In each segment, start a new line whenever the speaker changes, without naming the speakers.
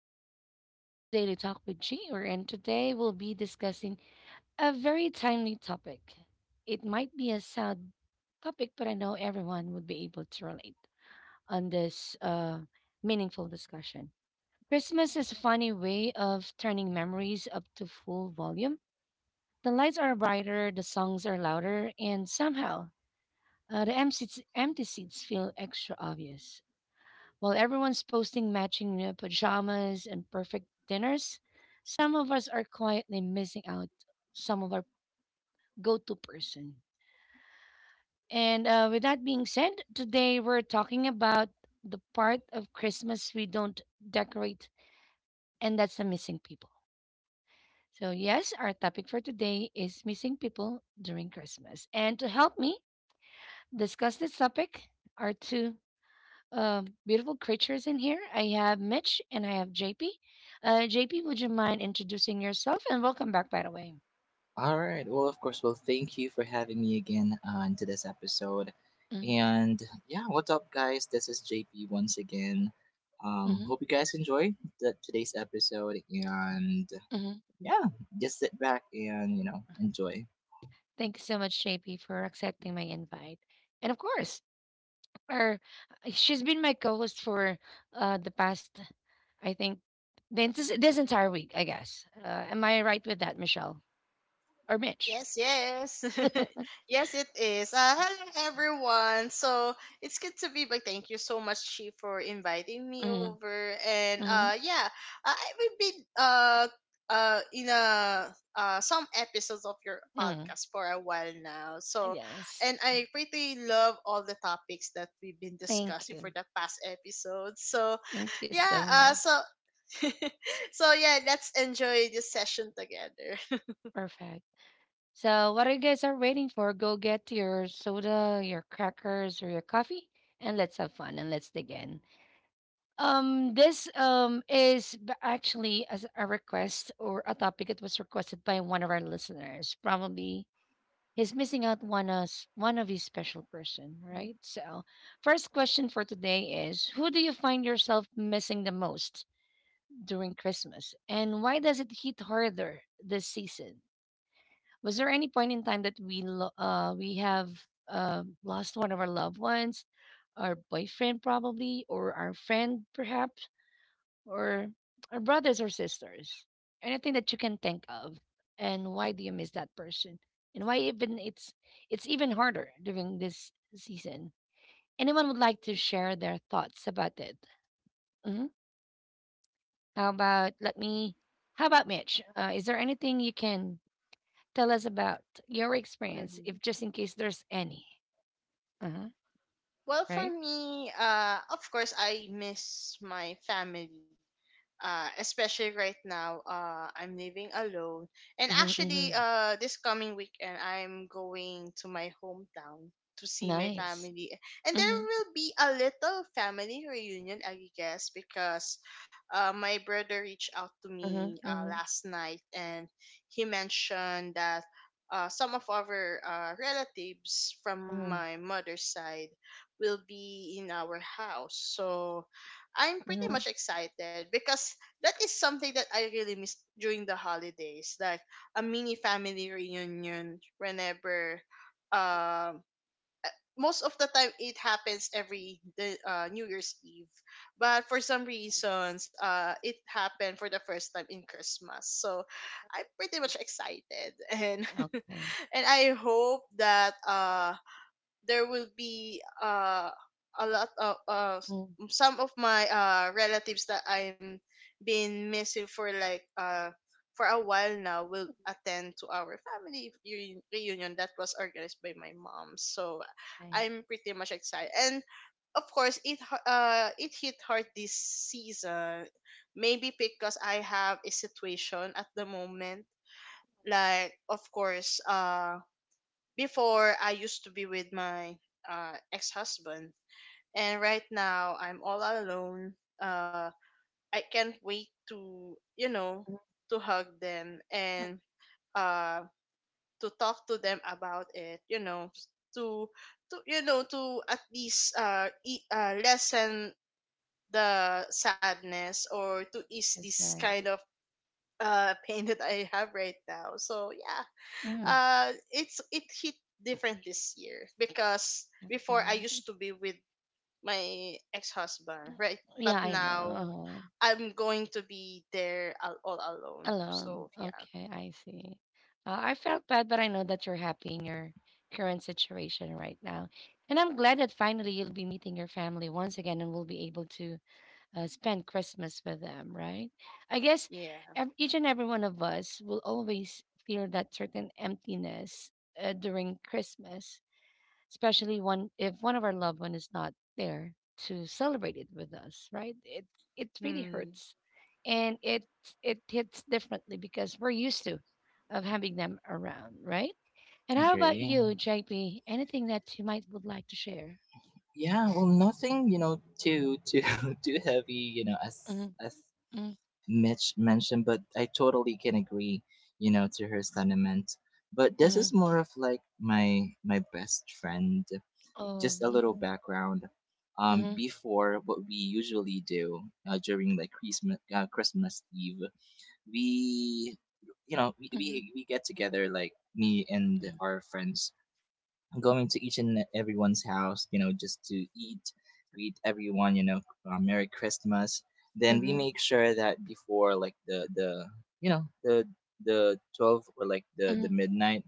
welcome everyone to Daily Talk with G or, and today we'll be discussing a very timely topic. It might be a sad topic, but I know everyone would be able to relate on this meaningful discussion. Christmas is a funny way of turning memories up to full volume. The lights are brighter, the songs are louder, and somehow the empty seats feel extra obvious. While everyone's posting matching pajamas and perfect dinners, some of us are quietly missing out some of our go to person. And With that being said, today we're talking about the part of Christmas we don't decorate, and that's the missing people. So, yes, our topic for today is missing people during Christmas. And to help me discuss this topic are two beautiful creatures in here. I have Mitch and I have JP. JP, would you mind introducing yourself? And welcome back, by the way.
All right. Well, of course. Well, thank you for having me again on to this episode. And yeah, what's up, guys? This is JP once again.
Mm-hmm.
Hope you guys enjoy today's episode. And
Hmm.
yeah, just sit back and enjoy.
Thank you so much, JP, for accepting my invite. And of course, our, she's been my co host for the past, I think, this entire week, I guess. Am I right with that, Michelle? Or Mitch?
Yes, yes. Yes, it is. Hello, everyone. So it's good to be back. Thank you so much, Chi, for inviting me
Mm-hmm,
over. And
mm-hmm,
yeah, I will be in a, some episodes of your
mm.
podcast for a while now. So,
Yes.
and I pretty love all the topics that we've been
Thank
discussing
you.
for the past episodes. So,
Thank you
yeah,
so much.
so, so yeah, let's enjoy this session together.
Perfect. So, what you guys are waiting for, go get your soda, your crackers, or your coffee, and let's have fun and let's dig in. This actually as a request or a topic that was requested by one of our listeners. Probably he's missing out one us one of his special person, right? So, first question for today is: Who do you find yourself missing the most during Christmas, and why does it hit harder this season? Was there any point in time that we have lost one of our loved ones, our boyfriend probably, or our friend perhaps, or our brothers or sisters? Anything that you can think of, and why do you miss that person? And why even it's even harder during this season. Anyone would like to share their thoughts about it? hmm How about let me? How about Mitch? Is there anything you can tell us about your experience,
Mhm.
if just in case there's any. Uh-huh.
Well, for
Right?
me, of course, I miss my family, especially right now. I'm living alone, and
Mm-hmm,
actually,
mm-hmm.
this coming weekend I'm going to my hometown to see my
Nice.
family, and there
Mm-hmm.
will be a little family reunion, I guess, because my brother reached out to me
Mm-hmm, mm-hmm,
last night, and he mentioned that some of our relatives from
mm-hmm,
my mother's side will be in our house. So I'm pretty
mm-hmm.
much excited, because that is something that I really miss during the holidays, like a mini family reunion whenever um uh, most of the time it happens every the New Year's Eve. But for some reasons, it happened for the first time in Christmas. So I'm pretty much excited. And
Okay.
and I hope that there will be a lot of
Mm.
some of my relatives that I'm been missing for a while now will attend to our family reunion that was organized by my mom. So
Okay.
I'm pretty much excited. And of course, it hit hard this season. Maybe because I have a situation at the moment. Like, of course, before, I used to be with my ex husband, and right now I'm all alone. Uh, I can't wait to, you know,
Mm-hmm.
to hug them, and uh, to talk to them about it, you know, to, to you know, to at least lessen the sadness, or to ease
That's
this
right.
kind of pain that I have right now. So, yeah,
mm
it hit different this year, because
Okay.
before I used to be with my ex-husband, right? But
Yeah, I
now
know.
I'm going to be there all alone.
Alone.
So yeah.
Okay, I see. I felt bad, but I know that you're happy in your current situation right now. And I'm glad that finally you'll be meeting your family once again and we'll be able to spend Christmas with them, right? I guess
Yeah.
each and every one of us will always feel that certain emptiness during Christmas, especially one if one of our loved one is not there to celebrate it with us, right? It really
Hmm.
hurts, and it hits differently because we're used to of having them around, right? And how about
Agree.
you, JP? Anything that you might would like to share?
Yeah. Well, nothing too too heavy. You know, as
Mm-hmm,
as Mitch mentioned, but I totally can agree to her sentiment. But this
mm-hmm.
is more of like my best friend.
Oh,
Just a little
mm-hmm,
background.
mm-hmm,
Before what we usually do during like Christmas, Christmas Eve, we, you know,
mm-hmm.
we get together like me and our friends, going to each and everyone's house, just to eat, greet everyone, Merry Christmas. Then we
Mhm,
make sure that before like you know the the 12 or like the
mhm.
midnight.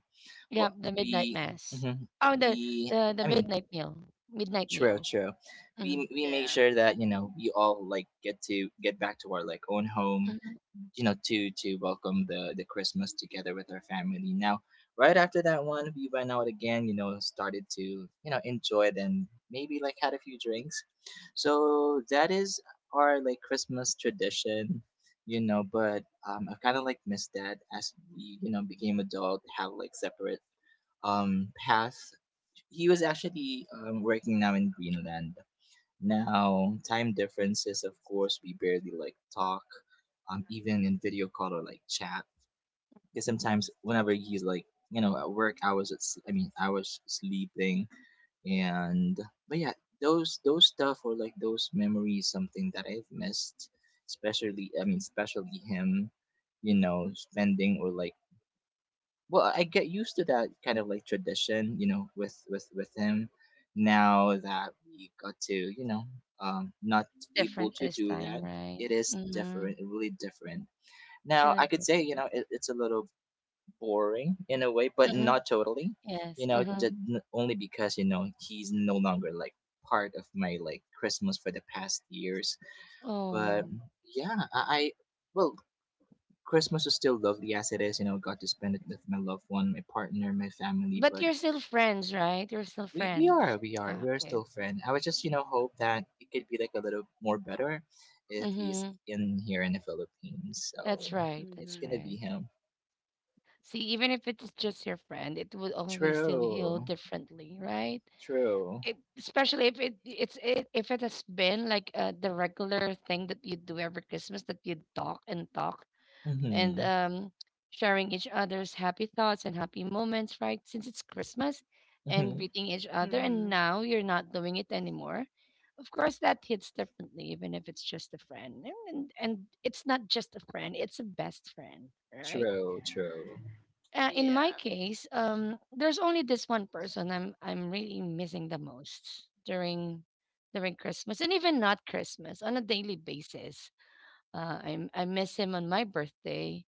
Yeah,
What
the midnight
we
mass.
mhm,
Oh, the
we
the
I mean
midnight meal, midnight
True,
meal.
true.
Mhm,
We make
Yeah.
sure that we all like get to get back to our like own home,
mhm.
to welcome the Christmas together with our family. Now, right after that one, we went out again. Started to enjoy it, and maybe like had a few drinks. So that is our like Christmas tradition. But I kind of like missed that, as we became adult, have like separate path. He was actually working now in Greenland. Now, time differences, of course, we barely like talk, even in video call or like chat. Because sometimes, whenever he's like, at work, I was at, s- I mean, I was sleeping, and but yeah, those stuff or like those memories, something that I've missed, especially him, spending or like, well, I get used to that kind of like tradition, you know, with him. Now that we got to, not
It's
able
different
to
this
do that,
time, right?
it is
Mhm.
different, really different.
Feel
Now I
it
could
different.
say, it's a little boring in a way, but
Mhm.
not totally.
Yes,
Just
mhm.
only because he's no longer like part of my like Christmas for the past years. But
Oh,
yeah, I well, Christmas is still lovely as it is. Got to spend it with my loved one, my partner, my family.
but
But
you're still friends, right? You're still
we, we
friends.
are, we are,
Ah,
we are
okay.
still friends. I would just, hope that it could be like a little more better if he's
Mhm.
in here in the Philippines.
That's
So
right.
it's
That's
Mm-hmm.
gonna be
right.
him.
See, even if it is just your friend, it would always still heal
True,
differently, right?
true.
It, especially if if it has been like the regular thing that you do every Christmas, that you talk and talk and
Mhm,
sharing each other's happy thoughts and happy moments, right, since it's Christmas, and
mhm.
greeting each other, and
Hmm.
now you're not doing it anymore, of course that hits differently even if it's just a friend, and it's not just a friend, it's a best friend, right.
True, true.
In my
Yeah.
case, there's only this one person I'm really missing the most during during Christmas and even not Christmas on a daily basis. I miss him on my birthday,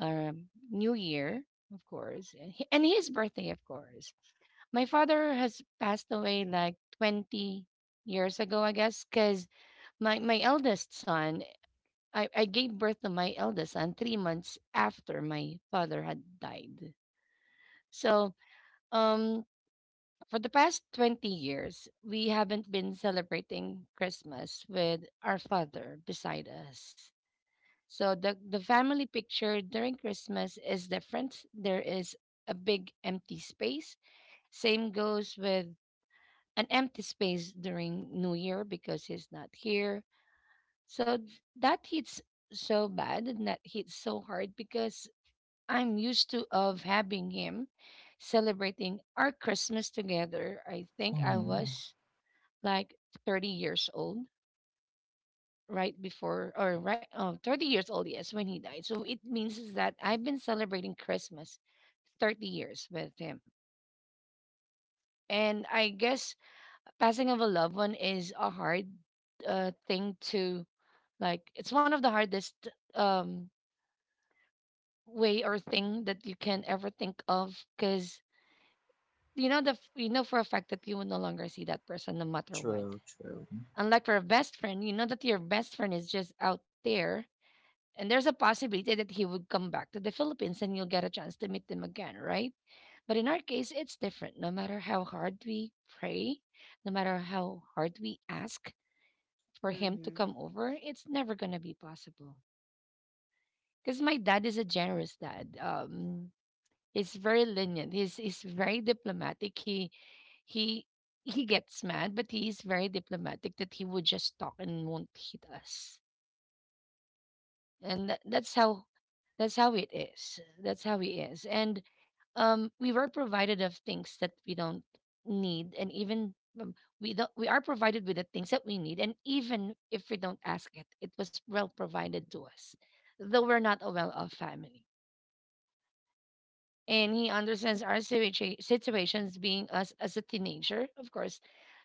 uh, New Year, of course, and his birthday, of course. My father has passed away like 20 years ago, I guess, because my eldest son, I gave birth to my eldest son 3 months after my father had died. So um, for the past 20 years, we haven't been celebrating Christmas with our father beside us. So the family picture during Christmas is different. There is a big empty space. Same goes with an empty space during New Year because he's not here. So that hits so bad and that hits so hard because I'm used to of having him celebrating our Christmas together. I think I
Mhm.
was like 30 years old right before or right oh 30 years old yes when he died. So it means is that I've been celebrating Christmas 30 years with him. And I guess passing of a loved one is a hard thing to like, it's one of the hardest um way or thing that you can ever think of, cuz you know you know for a fact that you will no longer see that person no matter what.
True, true.
Unlike for a best friend, you know that your best friend is just out there, and there's a possibility that he would come back to the Philippines, and you'll get a chance to meet them again, right? But in our case, it's different. No matter how hard we pray, no matter how hard we ask for him to
Hmm.
come over, it's never gonna be possible. Because my dad is a generous dad. He's very lenient. He's very diplomatic. He he gets mad, but he is very diplomatic that he would just talk and won't hit us. And that, that's how it is. That's how he is. And we were provided of things that we don't need, and even um, we don't we are provided with the things that we need, and even if we don't ask it, it was well provided to us, though we're not a well-off family. And he understands our situations being us as a teenager. Of course,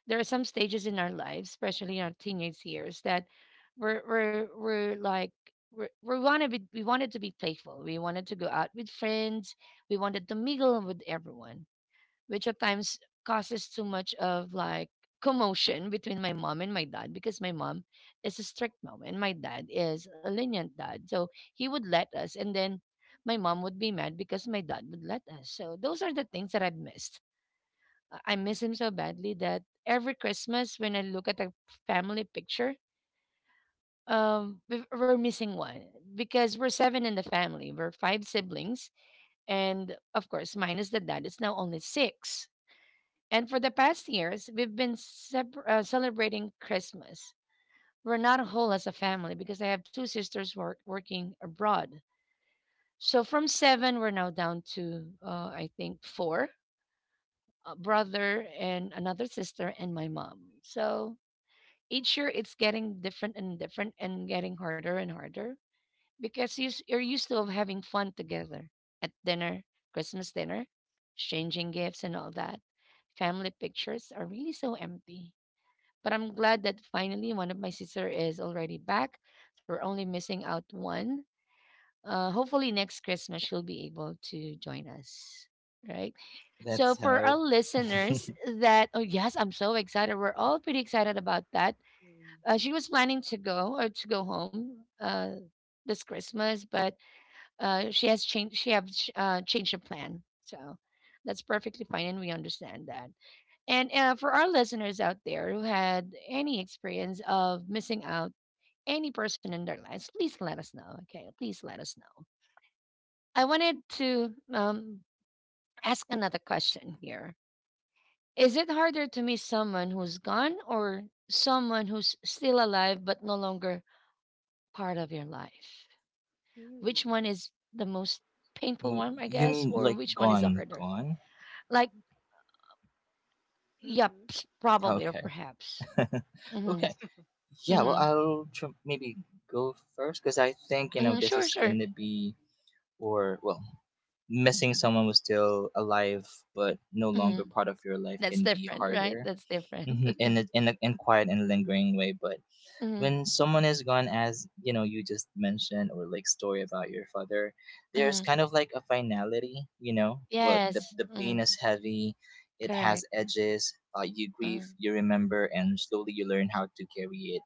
there are some stages in our lives, especially in our teenage years, that we're we're we're like we wanted to be playful. We wanted to go out with friends. We wanted to mingle with everyone, which at times causes too much of like commotion between my mom and my dad because my mom is a strict mom and my dad is a lenient dad. So he would let us and then my mom would be mad because my dad would let us. So those are the things that I've missed. I miss him so badly that every Christmas when I look at the family picture, we're missing one because we're seven in the family. We're five siblings, and of course, minus the dad, it's now only six. And for the past years, we've been celebrating Christmas. We're not whole as a family because I have two sisters working abroad. So from seven, we're now down to, I think, four, a brother and another sister and my mom. So each year it's getting different and different and getting harder and harder because you're used to of having fun together at dinner, Christmas dinner, exchanging gifts and all that. Family pictures are really so empty. But I'm glad that finally one of my sister is already back. So we're only missing out one. Hopefully next Christmas she'll be able to join us. Right. So
Let's
for our
help.
listeners that oh yes, I'm so excited. We're all pretty excited about that.
Hmm.
She was planning to go or to go home this Christmas, but she has changed. She have changed her plan. So that's perfectly fine, and we understand that. And for our listeners out there who had any experience of missing out any person in their lives, please let us know. Okay, please let us know. I wanted to ask another question here. Is it harder to miss someone who's gone or someone who's still alive but no longer part of your life? Which one
Mm-hmm.
is the most painful one, I
You
guess,
mean
or
like
which one is the
gone,
harder?
gone?
Like, probably or
Okay.
perhaps.
Okay.
Mm-hmm.
Yeah, well,
Mm-hmm.
maybe go first, because I think
Mm-hmm.
this
Sure,
is
sure.
gonna be, or well, missing someone who's still alive but no longer
Mhm.
part of your life
That's
can be
different, right?
harder
That's different.
in in quiet and lingering way. But
Mhm,
when someone is gone, as you know, you just mentioned or like story about your father, there's
mhm.
kind of like a finality, you know. But the
Yes.
the pain
Mm,
is heavy. It has
correct.
edges. You grieve,
Mm,
you remember, and slowly you learn how to carry it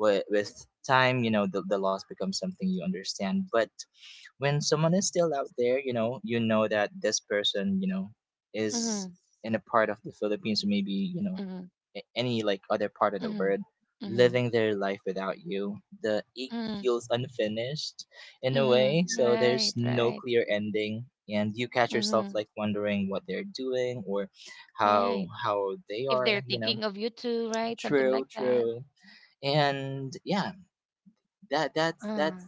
with time. The loss becomes something you understand, but when someone is still out there, that this person, is
mhm,
in a part of the Philippines, or maybe
mhm,
any like other part of the
mhm,
world,
mhm,
living their life without you, the it
mhm,
feels unfinished in a
mhm.
way, so
Mhm.
there's
Right,
no
right.
clear ending, and you catch yourself
Mhm,
like wondering what they're doing, or how
right.
how they
If
are
they're
you know
thinking of you too, right? Something
True,
like that.
true. And yeah, that that's
Uh,
that's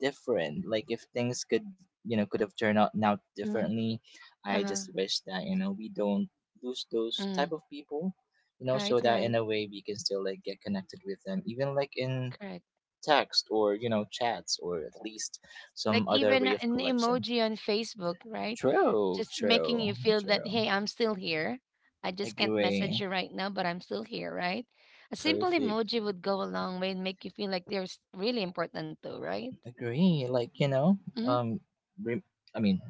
different. Like, if things could, could have turned out now
mhm,
differently, I
uh,
just wish that we don't lose those type
mm.
of people, so
Right,
that in
right.
a way we can still like get connected with them, even like in
Correct.
text, or chats, or at least
Like
some other
even
way of
an
collection.
emoji on Facebook, right?
True,
Just making
true,
you feel that,
true.
hey, I'm still here. I just can't message
Agree.
you right now, but I'm still here, right? A simple
Perfect.
emoji would go a long way and make you feel like they're really important too, right?
Agree. Like
Hmm.
um re- I mean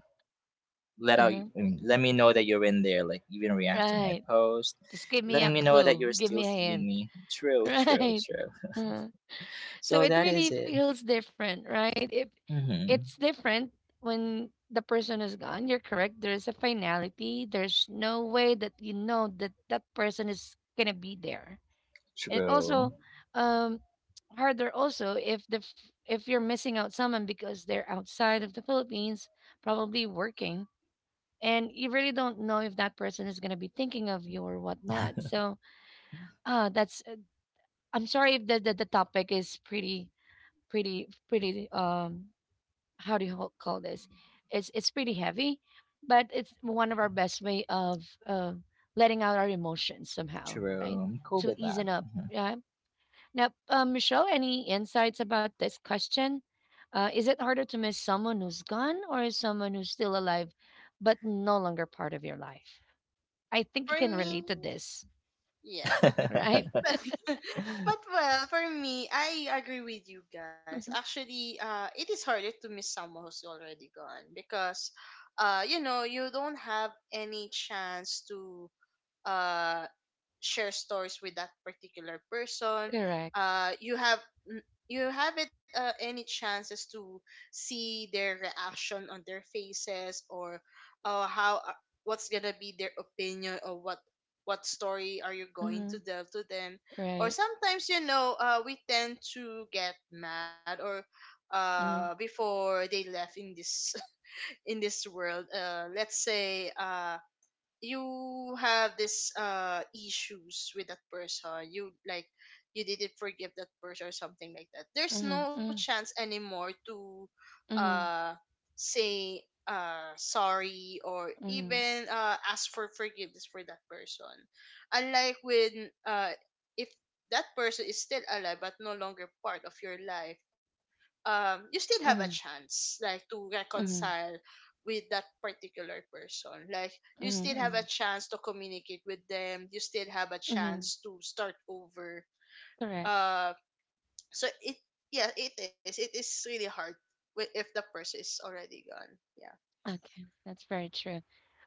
let out I
Uh-huh.
mean, let me know that you're in there, like even react to my
Right.
post,
Just give me a
letting me
Mhm.
know that
clue.
you're
Give
still
me a
seeing
hint.
me. True, true,
Right.
true.
Uh-huh. So
So
it
that
really
is it.
feels different, right? It's
Mm-hmm.
different when the person is gone. You're correct. There's a finality. There's no way that you know that that person is gonna be there. And it
True,
also um, harder also if if you're missing out someone because they're outside of the Philippines, probably working, and you really don't know if that person is gonna be thinking of you or whatnot. So ah, that's I'm sorry if the topic is pretty, pretty, pretty. How do you call this? It's pretty heavy, but it's one of our best way of letting out our emotions somehow,
true.
right?
I'm cool
To
with that.
easen up.
Mhm.
Yeah. Now, Michelle, any insights about this question? Is it harder to miss someone who's gone or is someone who's still alive but no longer part of your life? I think you
For
can
me,
relate to this,
yeah.
right?
But well, for me, I agree with you guys. Actually, it is harder to miss someone who's already gone, because you don't have any chance to uh share stories with that particular person.
Correct.
You n- you haven't any chances to see their reaction on their faces, or how what's gonna be their opinion, or what story are you going to
Mm-hmm.
delve to them. Or
Right.
sometimes, we tend to get mad, or
Mm-hmm.
before they left in this in this world, let's say you have this issues with that person. You didn't forgive that person or something like that. There's
Mhm,
no
mhm,
chance anymore to
mhm,
uh say sorry, or
mhm,
even ask for forgiveness for that person. Unlike when if that person is still alive but no longer part of your life, you still have a
mhm,
chance, like, to
mhm,
reconcile with that particular person. Like,
mhm,
you still have
mhm,
a chance to communicate with them, you still have a
mhm.
chance to start over.
Correct.
uh so it is really hard, if the person is already gone. Yeah.
Okay, that's very true.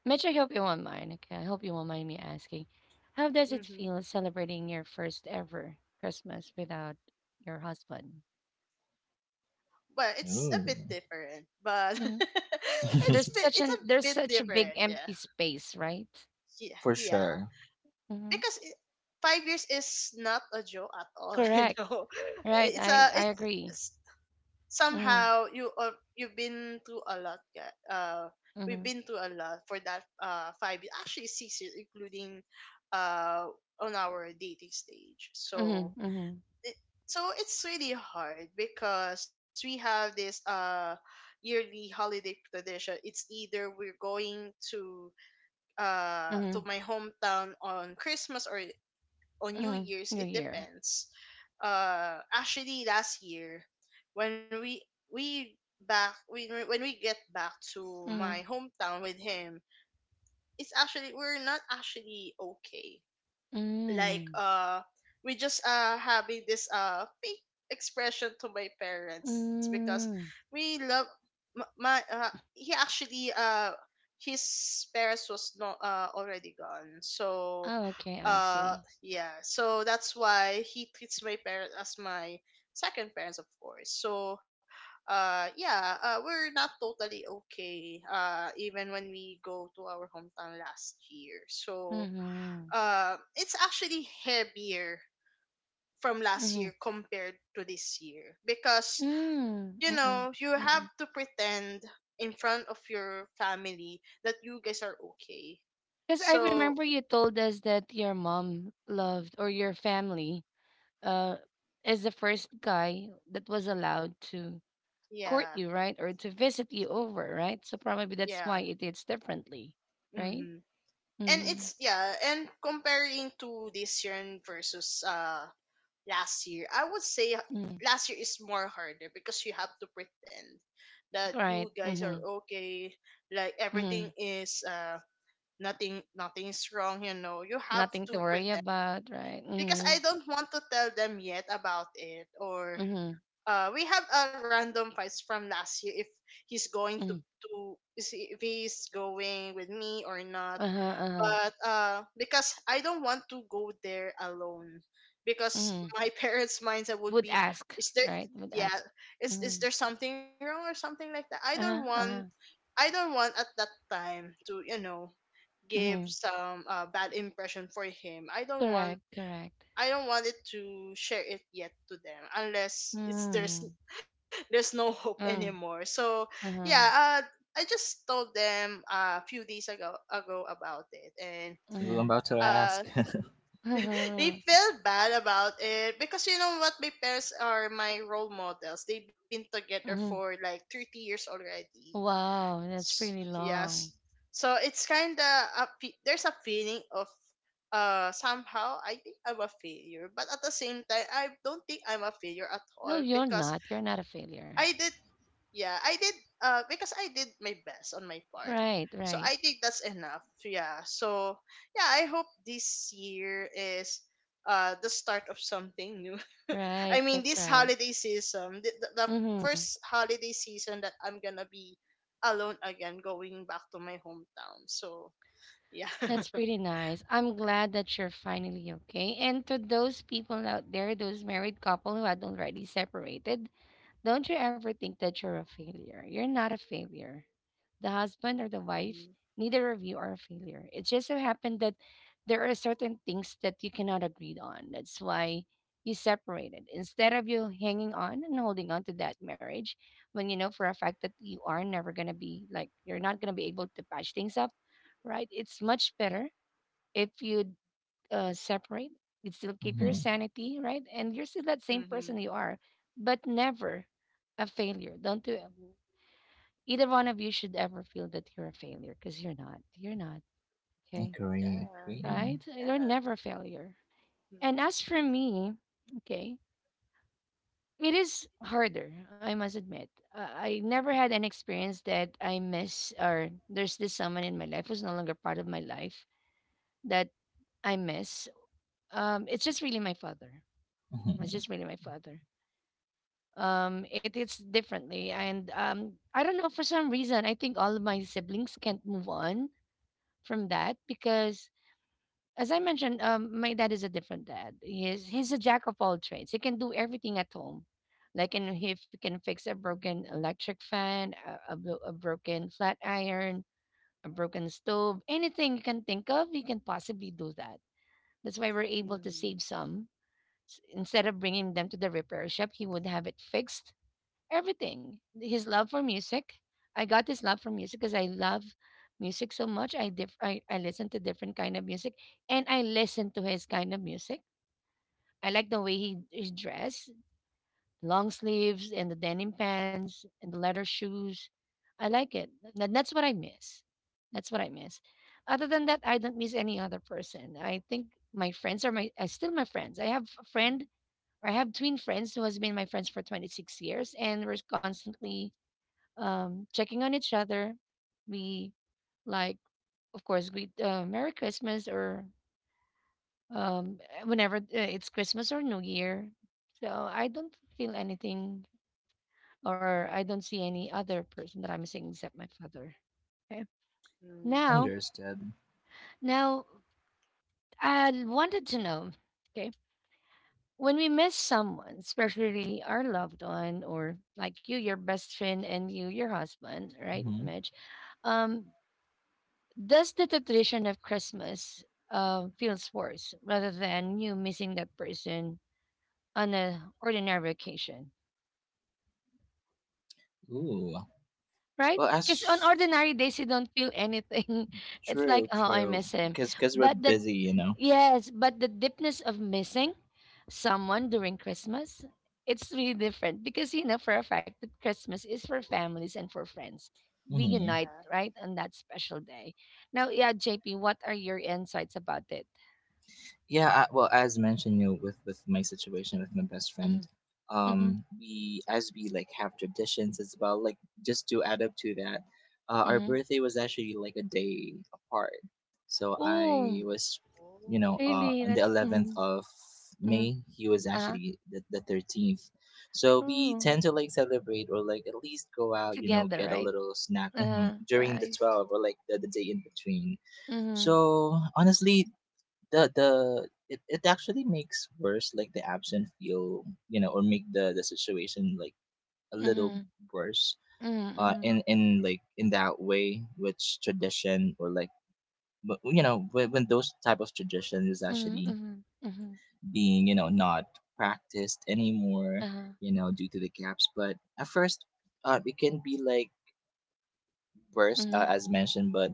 Mitch, I hope you won't mind. Okay, I hope you won't mind me asking. How does it
Mm-hmm.
feel celebrating your first ever Christmas without your husband?
Well, it's a bit
Ooh.
different, but
Hmm.
it's
There's
bit, it's
such
a
an
bit
there's such a
different.
big
Yeah,
empty space, right?
yeah,
For
yeah.
sure.
Hmm.
Because 5 years is not a joke at all.
Correct. Right.
It's
I
a
I agree.
it's
Mm,
somehow, you've been through a lot. Yeah. We've
mm,
been through a lot for that actually 6 years, including uh on our dating stage.
mm,
So
mm,
it, it's really hard, because we have this yearly holiday tradition. It's either we're going to
mm,
my hometown on Christmas, or on New
mm.
Year's,
New
it
Year.
depends. Actually, last year, when we we when we get back to my
Mm,
hometown with him, it's actually we're not actually okay. like
mm,
uh we just having this fake expression to my parents, because
mm.
we love m- my he actually his parents was not already gone. So
Oh, okay, I
uh
see.
yeah, so that's why he treats my parents as my second parents, of course. So yeah, we're not totally okay even when we go to our hometown last year. So
Mm-hmm.
it's actually heavier from last
Mm-hmm.
year compared to this year, because
Mm, mm-mm,
you
mm, mm,
have
mm.
to pretend in front of your family that you guys are okay.
Because I remember
So
you told us that your mom loved or your family uh is the first guy that was allowed to
yeah,
court you, right? Or to visit you over, right? So probably that's
yeah.
why it is differently, right?
Mm-hmm. And
Mm-hmm.
it's, yeah, and comparing to this year and versus last year, I would say
Mm,
last year is more harder, because you have to pretend that you
right.
guys are
Mm-hmm.
okay, like everything
Mm-hmm.
is nothing nothing's wrong. You know, you have
Nothing to
to
worry
pretend,
about, right?
because
Mm-hmm.
I don't want to tell them yet about it, or
Mm-hmm.
we have a random fights from last year if he's going to
Mm-hmm.
to see, if he's going with me or not.
Uh-huh. Uh-huh.
But because I don't want to go there alone, because
Mm-hmm.
my parents mindset would
Would
be,
ask,
is there
right? Would
yeah
ask.
is is
Mm-hmm.
there something wrong, or something like that. i don't
Uh-huh,
want
uh-huh.
i don't want at that time to give
Mhm.
some bad impression for him. i don't want
Correct, correct.
i don't want it to share it yet to them, unless it's there's
Mm.
there's no hope
Uh-uh.
anymore. So
Uh-huh.
yeah, I just told them a few days ago about it, and
Ooh, I'm
Mhm.
about to ask.
uh they
Uh.
felt bad about it, because you know what, my parents are my role models. They've been together for
Mhm.
like 30 years already.
Wow, that's pretty
Yes.
long.
So it's kind of there's a feeling of somehow I think I'm a failure, but at the same time I don't think I'm a failure at
No,
all,
you're
because
not. You're not a
I
failure.
did. Yeah, I did. Because I did my best on my part.
Right,
So I
right,
think that's enough. Yeah. So yeah, I hope this year is the start of something new.
right.
I mean,
That's
this
right.
holiday season, the first
Mm-hmm.
holiday season that I'm going to be alone again, going back to my hometown. So yeah.
That's pretty nice. I'm glad that you're finally okay. And to those people out there, those married couple who had already separated, don't you ever think that you're a failure. You're not a failure. The husband or the wife,
Mhm.
neither of you are a failure. It just so happened that there are certain things that you cannot agree on. That's why you separated. Instead of you hanging on and holding on to that marriage, when you know for a fact that you are never going to be like, you're not going to be able to patch things up, right? It's much better if you separate. You still keep your
Hmm.
sanity, right? And you're still that same person
Mhm.
you are, but never a failure. Don't do it. Either one of you should ever feel that you're a failure because you're not. You're not. Okay.
Agree,
Yeah.
agree.
Right? You're
Yeah.
never a failure.
Mm-hmm.
And as for me, okay, it is harder, I must admit. I never had an experience that I miss, or there's this someone in my life who's no longer part of my life that I miss. It's just really my father. It's
Hmm.
just really my father. It's differently. And I don't know, for some reason, I think all of my siblings can't move on from that because as I mentioned, my dad is a different dad. He's a jack of all trades. He can do everything at home, like and he can fix a broken electric fan, a broken flat iron, a broken stove, anything you can think of, he can possibly do that. That's why we're able to
Mm-hmm.
save some. Instead of bringing them to the repair shop, he would have it fixed everything. His love for music. I got his love for music because I love music so much. I listen to different kind of music, and I listen to his kind of music. I like the way he is dressed, long sleeves and the denim pants and the leather shoes. I like it. That's what I miss. That's what I miss. Other than that, I don't miss any other person. I think my friends are still my friends. I have a friend or I have twin friends who has been my friends for 26 years, and we're constantly checking on each other. We, like, of course, we Merry Christmas or whenever it's Christmas or New Year. So I don't feel anything, or I don't see any other person that I'm missing except my father. Okay.
Mm-hmm.
Now,
Understood.
now I wanted to know. Okay. When we miss someone, especially our loved one, or like you, your best friend, and you, your husband, right,
Hmm.
Mitch? Um, Thus, the tradition of Christmas feels worse rather than you missing that person on an ordinary occasion,
Ooh.
right?
Well,
Because on
that's
ordinary days, you don't feel anything. It's like,
true,
oh, I
true,
miss him.
because 'cause we're
But the,
busy
yes, but the deepness of missing someone during Christmas, it's really different because you know for a fact that Christmas is for families and for friends. We
hmm
unite,
Yeah.
right, on that special day. Now, yeah, JP, what are your insights about it?
Yeah, well, as mentioned, with my situation with my best friend,
Mm-hmm. Mm-hmm.
we like have traditions as well. Like, just to add up to that, our
Mhm.
birthday was actually like a day apart. So I
Oh,
was,
Oh.
really?
on the
That's
eleventh
mhm,
of
mhm,
May. He was
uh-huh.
actually the 13th. So we
Oh,
tend to like celebrate or like at least go out,
together,
get a
right?
little snack
Uh-huh.
mhm, during the
Rice.
12 or like the day in between.
Mhm,
So honestly, it actually makes worse like the absent feel, or make the situation like a little
mhm,
worse,
mhm, mhm,
in like in that way, which tradition or like but, you know when those type of tradition is
mhm,
actually
mhm, mhm,
being, not practiced anymore,
uh-huh,
due to the gaps. But at first, it can be like worse,
mhm,
as mentioned, but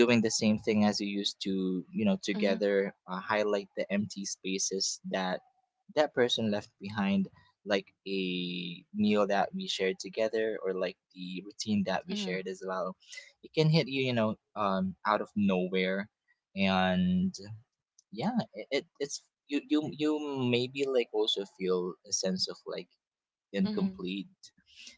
doing the same thing as you used to,
mhm,
together, highlight the empty spaces that that person left behind, like a meal that we shared together, or like the routine that we
mhm,
shared as well. It can hit you, you know out of nowhere. And yeah, it's you, you maybe like also feel a sense of like
mhm.
incomplete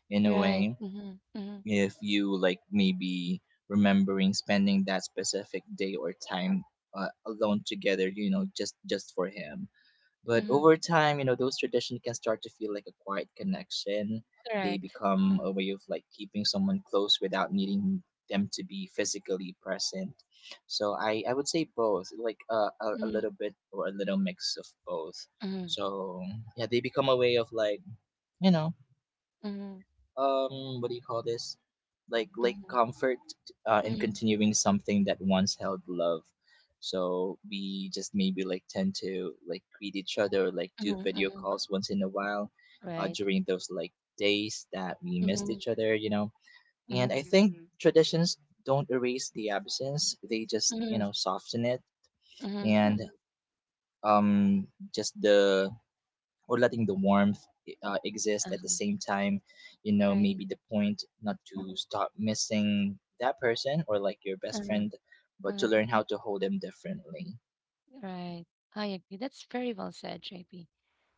in a
Right.
way,
Mhm, mhm,
if you like maybe remembering spending that specific day or time, alone together, just for him. But
mhm.
over time, those traditions can start to feel like a quiet connection. They
Correct.
become
Mhm,
a way of like keeping someone close without needing them to be physically present. So I would say both, like, a
mhm,
little bit or a little mix of both.
mhm,
So yeah, they become a way of like, you know
mhm,
what do you call this, like
mhm,
comfort, in
mhm,
continuing something that once held love. So we just maybe like tend to like greet each other, like do
mhm,
video
mhm.
calls once in a while,
Right.
during those like days that we missed
Mhm,
each other, and
mhm,
I think traditions don't erase the absence, they just,
mhm,
soften it.
mhm,
And
mhm.
um just the or letting the warmth, exist at the
Uh-huh.
same time.
Right.
Maybe the point, not to stop missing that person or like your best
Uh-huh.
friend, but to
Uh-huh.
learn how to hold them differently.
Right. I agree. That's very well said, JP.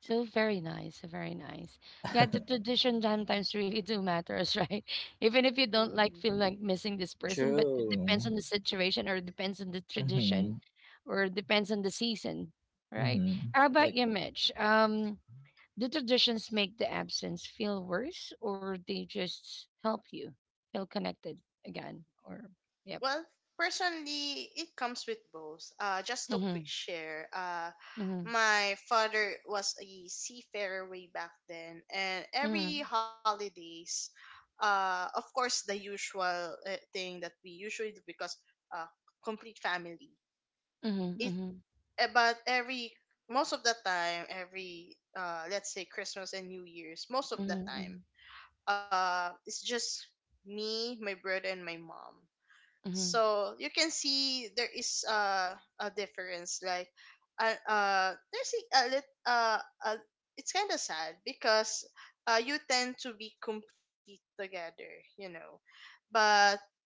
So very nice, very nice. Yeah, the tradition sometimes really do matters, right? Even if you don't like
Mm-hmm.
feel like missing this person, but it depends
True.
on the situation or depends on the tradition
Mm-hmm,
or depends on the season, right?
mm-hmm.
How about
Like,
you, Mitch? Do traditions make the absence feel worse or they just help you feel connected again? Or yep.
Well, personally, it comes with both. Just a quick
Mm-hmm.
share.
Mm-hmm.
My father was a seafarer way back then, and every
Mm-hmm.
holidays, of course, the usual thing that we usually do, because uh, complete family.
Mm-hmm.
It
Mm-hmm.
about every most of the time, every let's say Christmas and New Year's, most of the
Mm-hmm.
time, it's just me, my brother, and my mom.
Mm-hmm.
So you can see there is a difference, like there's a lit a, it's kind of sad. Because you tend to be complete together you know, but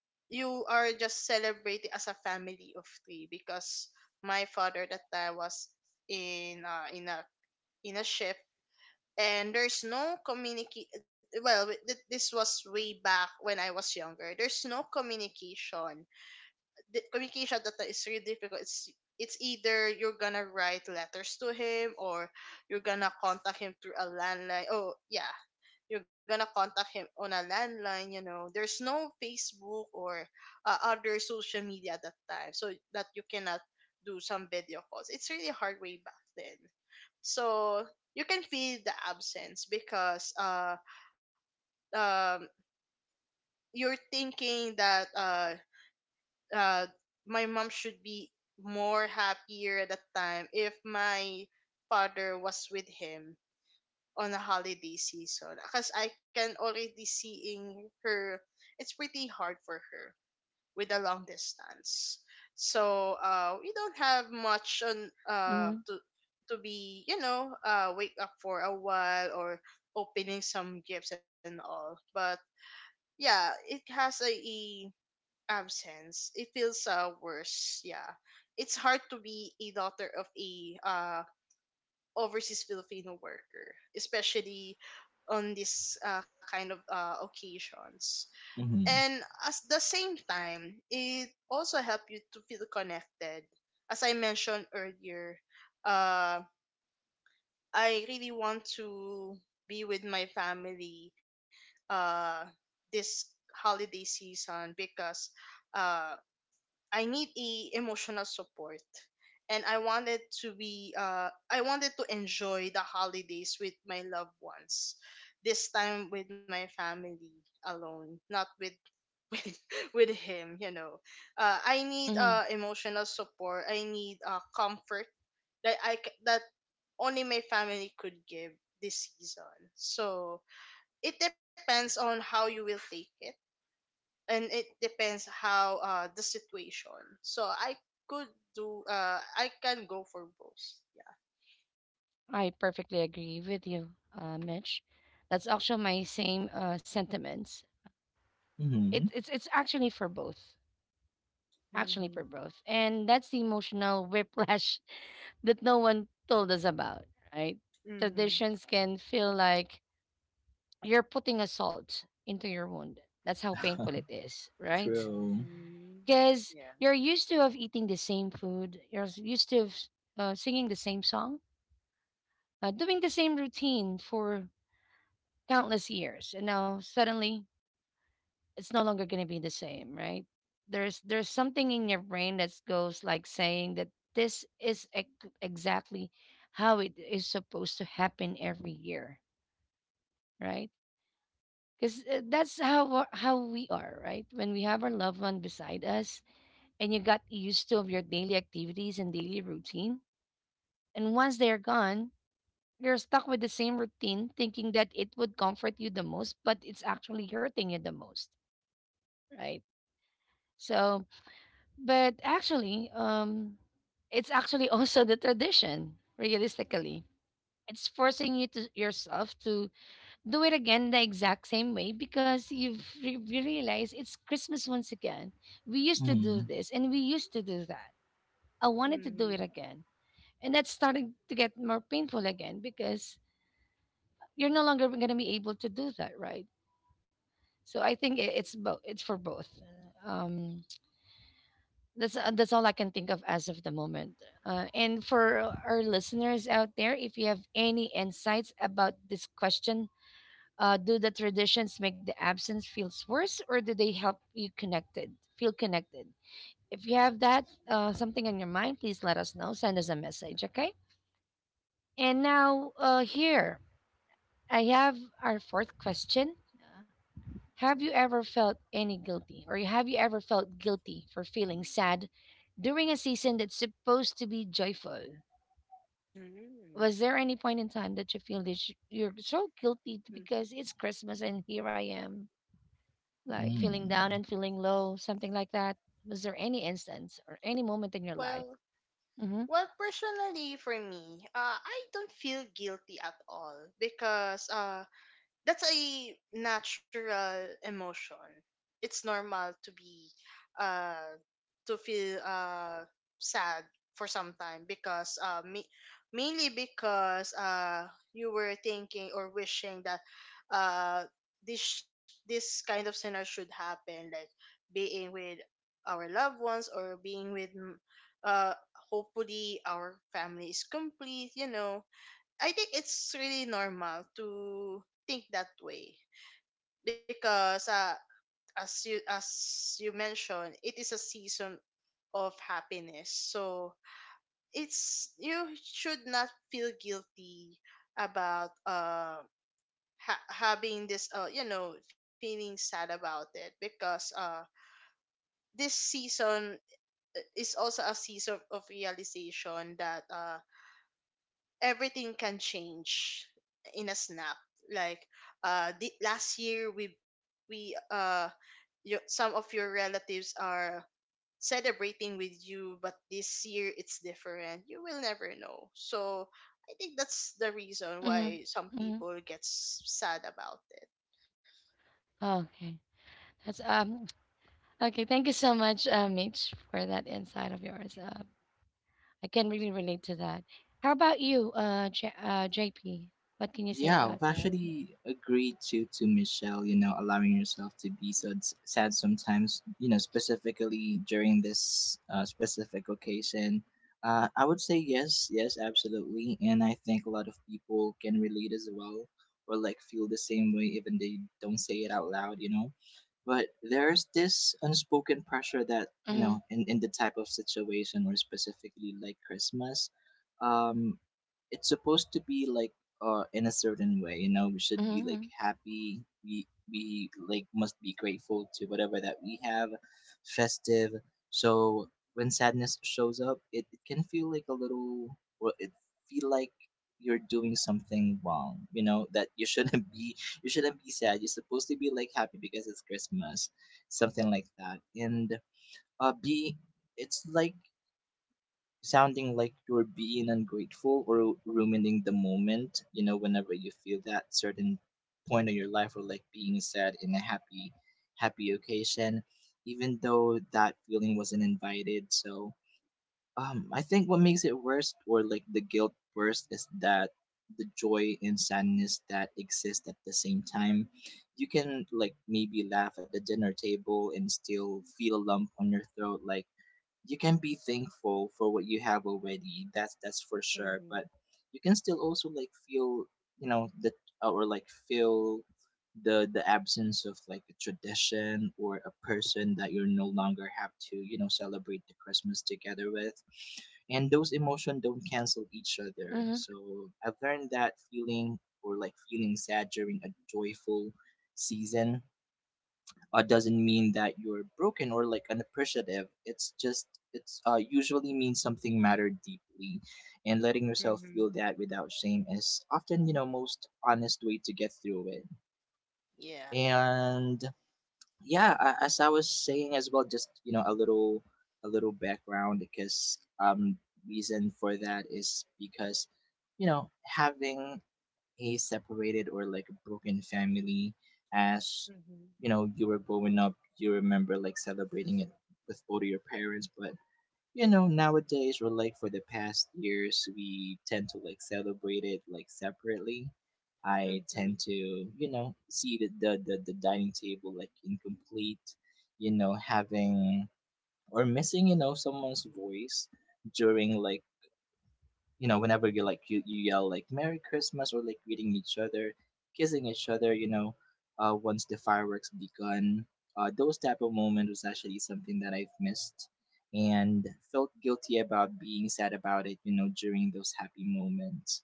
you are just celebrating as a family of three, because my father that time was in uh in a in a ship, and there's no communicate. Well, this was way back when I was younger, there's no communication. The communication that is really difficult. It's either you're gonna write letters to him, or you're gonna contact him through a landline. Oh yeah, you're gonna contact him on a landline. You know, there's no Facebook or other social media at that time, so that you cannot do some video calls. It's really hard way back then. So you can feel the absence, because um you're thinking that uh, my mom should be more happier at that time if my father was with him on a holiday season, because I can already seeing her. It's pretty hard for her with a long distance. So we don't have much on uh,
Mm-hmm.
to to be, wake up for a while, or opening some gifts and all. But yeah, it has a absence, it feels worse. Yeah, it's hard to be a daughter of a overseas Filipino worker, especially on this kind of occasions.
mm-hmm,
And at the same time, it also help you to feel connected. As I mentioned earlier, uh, I really want to be with my family uh, this holiday season, because uh, I need a emotional support. And I wanted to enjoy the holidays with my loved ones. This time with my family alone, not with with with him. I need
Mm-hmm.
emotional support. I need comfort that that only my family could give this season. So, it depends on how you will take it, and it depends how the situation. So I could do I can go for both. Yeah.
I perfectly agree with you, Mitch. That's actually my same sentiments. It,
mm-hmm.
it's it's actually for
Mm-hmm.
both, and that's the emotional whiplash that no one told us about. Right?
Mm-hmm.
Traditions can feel like you're putting a salt into your wound. That's how painful it is, right?
True.
Mm-hmm.
Because
Yeah.
you're used to of eating the same food, you're used to of, singing the same song, doing the same routine for countless years and now suddenly it's no longer going to be the same, right? There's something in your brain that goes like saying that this is exactly how it is supposed to happen every year, right? Because that's how we are, right, when we have our loved one beside us, and you got used to of your daily activities and daily routine. And once they're gone, you're stuck with the same routine thinking that it would comfort you the most but it's actually hurting you the most, right? So, but actually, it's actually also the tradition, realistically. It's forcing you to yourself to do it again the exact same way because you've you realize it's Christmas once again. We used to do
Mm-hmm.
this and we used to do that. I wanted to do
Mm-hmm.
it again. And that's starting to get more painful again because you're no longer going to be able to do that, right? So I think it's both. It's for both. Um, that's all I can think of as of the moment. And for our listeners out there, if you have any insights about this question, do the traditions make the absence feels worse, or do they help you connected? Feel connected. If you have that something in your mind, please let us know. Send us a message, okay? And now here I have our fourth question. Have you ever felt any guilty, or have you ever felt guilty for feeling sad during a season that's supposed to be joyful?
Mm-hmm.
Was there any point in time that you feel that you're so guilty because it's Christmas and here I am, like
Mm-hmm.
feeling down
Mm.
and feeling low, something like that? Was there any instance or any moment in your life?
Well,
Mm-hmm.
well, personally for me, I don't feel guilty at all because that's a natural emotion. It's normal to be uh to feel sad for some time because mainly because you were thinking or wishing that uh this this kind of scenario should happen, like being with our loved ones or being with uh hopefully our family is complete, you know. I think it's really normal to think that way because as you mentioned, it is a season of happiness. So it's you should not feel guilty about having this uh feeling sad about it because this season is also a season of realization that everything can change in a snap. Like the, last year we you, some of your relatives are celebrating with you, but this year it's different. You will never know. So I think that's the reason why some
Mm-hmm. Mm-hmm.
people get sad about it.
Okay. That's okay. Thank you so much, Mitch, for that insight of yours. I can really relate to that. How about you, JP? What can you say
Yeah,
about
I've
that?
actually agreed to Michelle. Allowing yourself to be so sad sometimes. Specifically during this, specific occasion. I would say yes, yes, absolutely, and I think a lot of people can relate as well, or like feel the same way, even they don't say it out loud. But there's this unspoken pressure that, you
Mm-hmm.
know in in the type of situation, or specifically like Christmas. Um, it's supposed to be like, in a certain way, we should be like
Mm-hmm.
happy, we like must be grateful to whatever that we have, festive. So when sadness shows up, it can feel like a little, well, it feel like you're doing something wrong, that you shouldn't, be, you shouldn't be sad. You're supposed to be like happy because it's Christmas, something like that. And be it's like sounding like you're being ungrateful or ruining the moment, you know, whenever you feel that certain point in your life, or like being sad in a happy, happy occasion, even though that feeling wasn't invited. So, I think what makes it worse, or like the guilt worse, is that the joy and sadness that exist at the same time. You can like maybe laugh at the dinner table and still feel a lump on your throat, like you can be thankful for what you have already that's for sure,
Mm-hmm.
but you can still also like feel you know the or like feel the absence of like a tradition or a person that you are no longer have to, you know, celebrate the Christmas together with, and those emotions don't cancel each other.
Mm-hmm.
So I've learned that feeling or like feeling sad during a joyful season doesn't mean that you're broken or like unappreciative. It's just it's usually means something mattered deeply, and letting yourself feel
Mm-hmm.
that without shame is often, you know, most honest way to get through it.
Yeah.
And yeah, as I was saying as well, just you know a little background, because reason for that is because, you know, having a separated or like a broken family, as you know, you were growing up you remember like celebrating it with both of your parents, but you know nowadays or like for the past years we tend to like celebrate it like separately. I
Mhm.
tend to, you know, see the dining table like incomplete, you know, having or missing, you know, someone's voice during like, you know, whenever you like you yell like merry Christmas or like greeting each other, kissing each other, you know, once the fireworks begun. Those type of moment was actually something that I've missed, and felt guilty about being sad about it, you know, during those happy moments.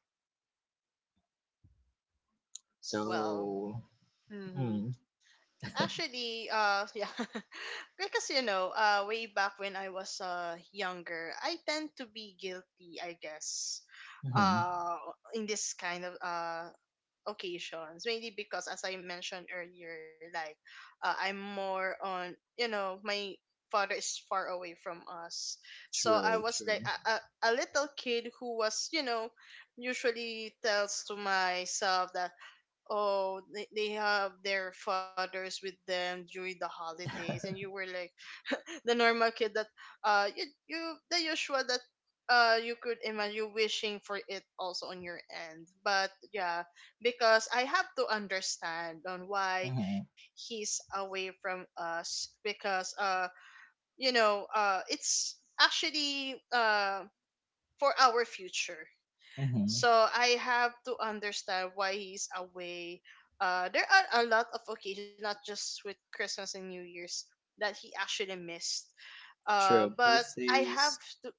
Well,
So
hmm
mm,
actually, yeah, because you know, way back when I was younger, I tend to be guilty, I guess,
hmm.
uh, in this kind of occasions, mainly because, as I mentioned earlier, like, I'm more on, you know, my father is far away from us, so I
True,
was like
true.
a little kid who was, you know, usually tells to myself that, oh, they have their fathers with them during the holidays, and you were like the normal kid that you, you the usual that you could imagine, you wishing for it also on your end. But yeah, because I have to understand on why
Hmm.
he's away from us because uh it's actually for our future.
Hmm.
So I have to understand why he's away. There are a lot of occasions, not just with Christmas and New Year's, that he actually missed.
True,
But I have
birthdays,
to,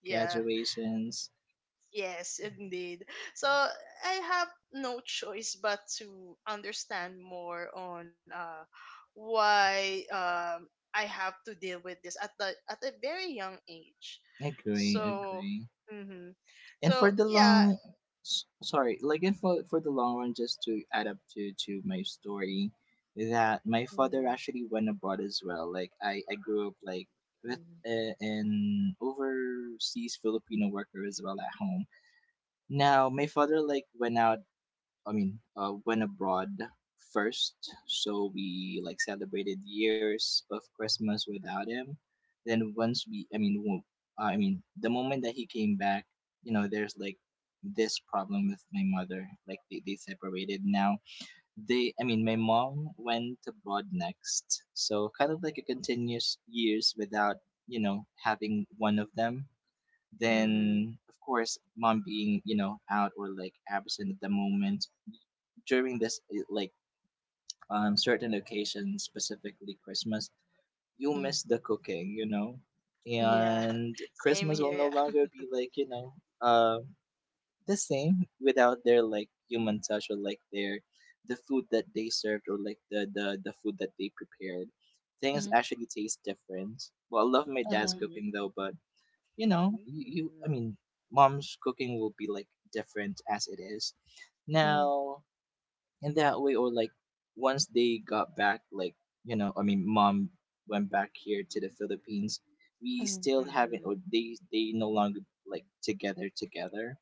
yeah,
graduations.
yes, indeed. So I have no choice but to understand more on why I have to deal with this at the at a very young age.
Agree,
So,
agree.
hmm
And for the
so
long,
yeah.
sorry, like and for the long run, just to add up to my story, that my father
Mhm,
actually went abroad as well. Like I grew up like with
mhm.
an overseas Filipino worker as well at home. Now my father like went out, I mean, went abroad first. So we like celebrated years of Christmas without him. Then once we, I mean, I mean, the moment that he came back, you know, there's like this problem with my mother. Like they separated now. They, I mean, my mom went abroad next. So kind of like a continuous years without, you know, having one of them. Then
Mm-hmm.
of course mom being, you know, out or like absent at the moment during this like certain occasions, specifically Christmas, you'll
Mm-hmm.
miss the cooking, you know.
Mm-hmm.
Yeah.
And Christmas
Same
will no
here.
longer
Yeah.
be like, you know, uh the same without their like human touch or like their the food that they served or like the food that they prepared. Things
Mm-hmm.
actually taste different. Well, I love my dad's
Uh-huh.
cooking
Mm-hmm.
though, but you know, you, I
Mm.
mean, mom's cooking will be like different as it is
Mm-hmm.
now in that way. Or like once they got back, like you know, I mean, mom went back here to the Philippines. We
Mm-hmm.
still haven't, or
Mm-hmm.
they no longer like together together.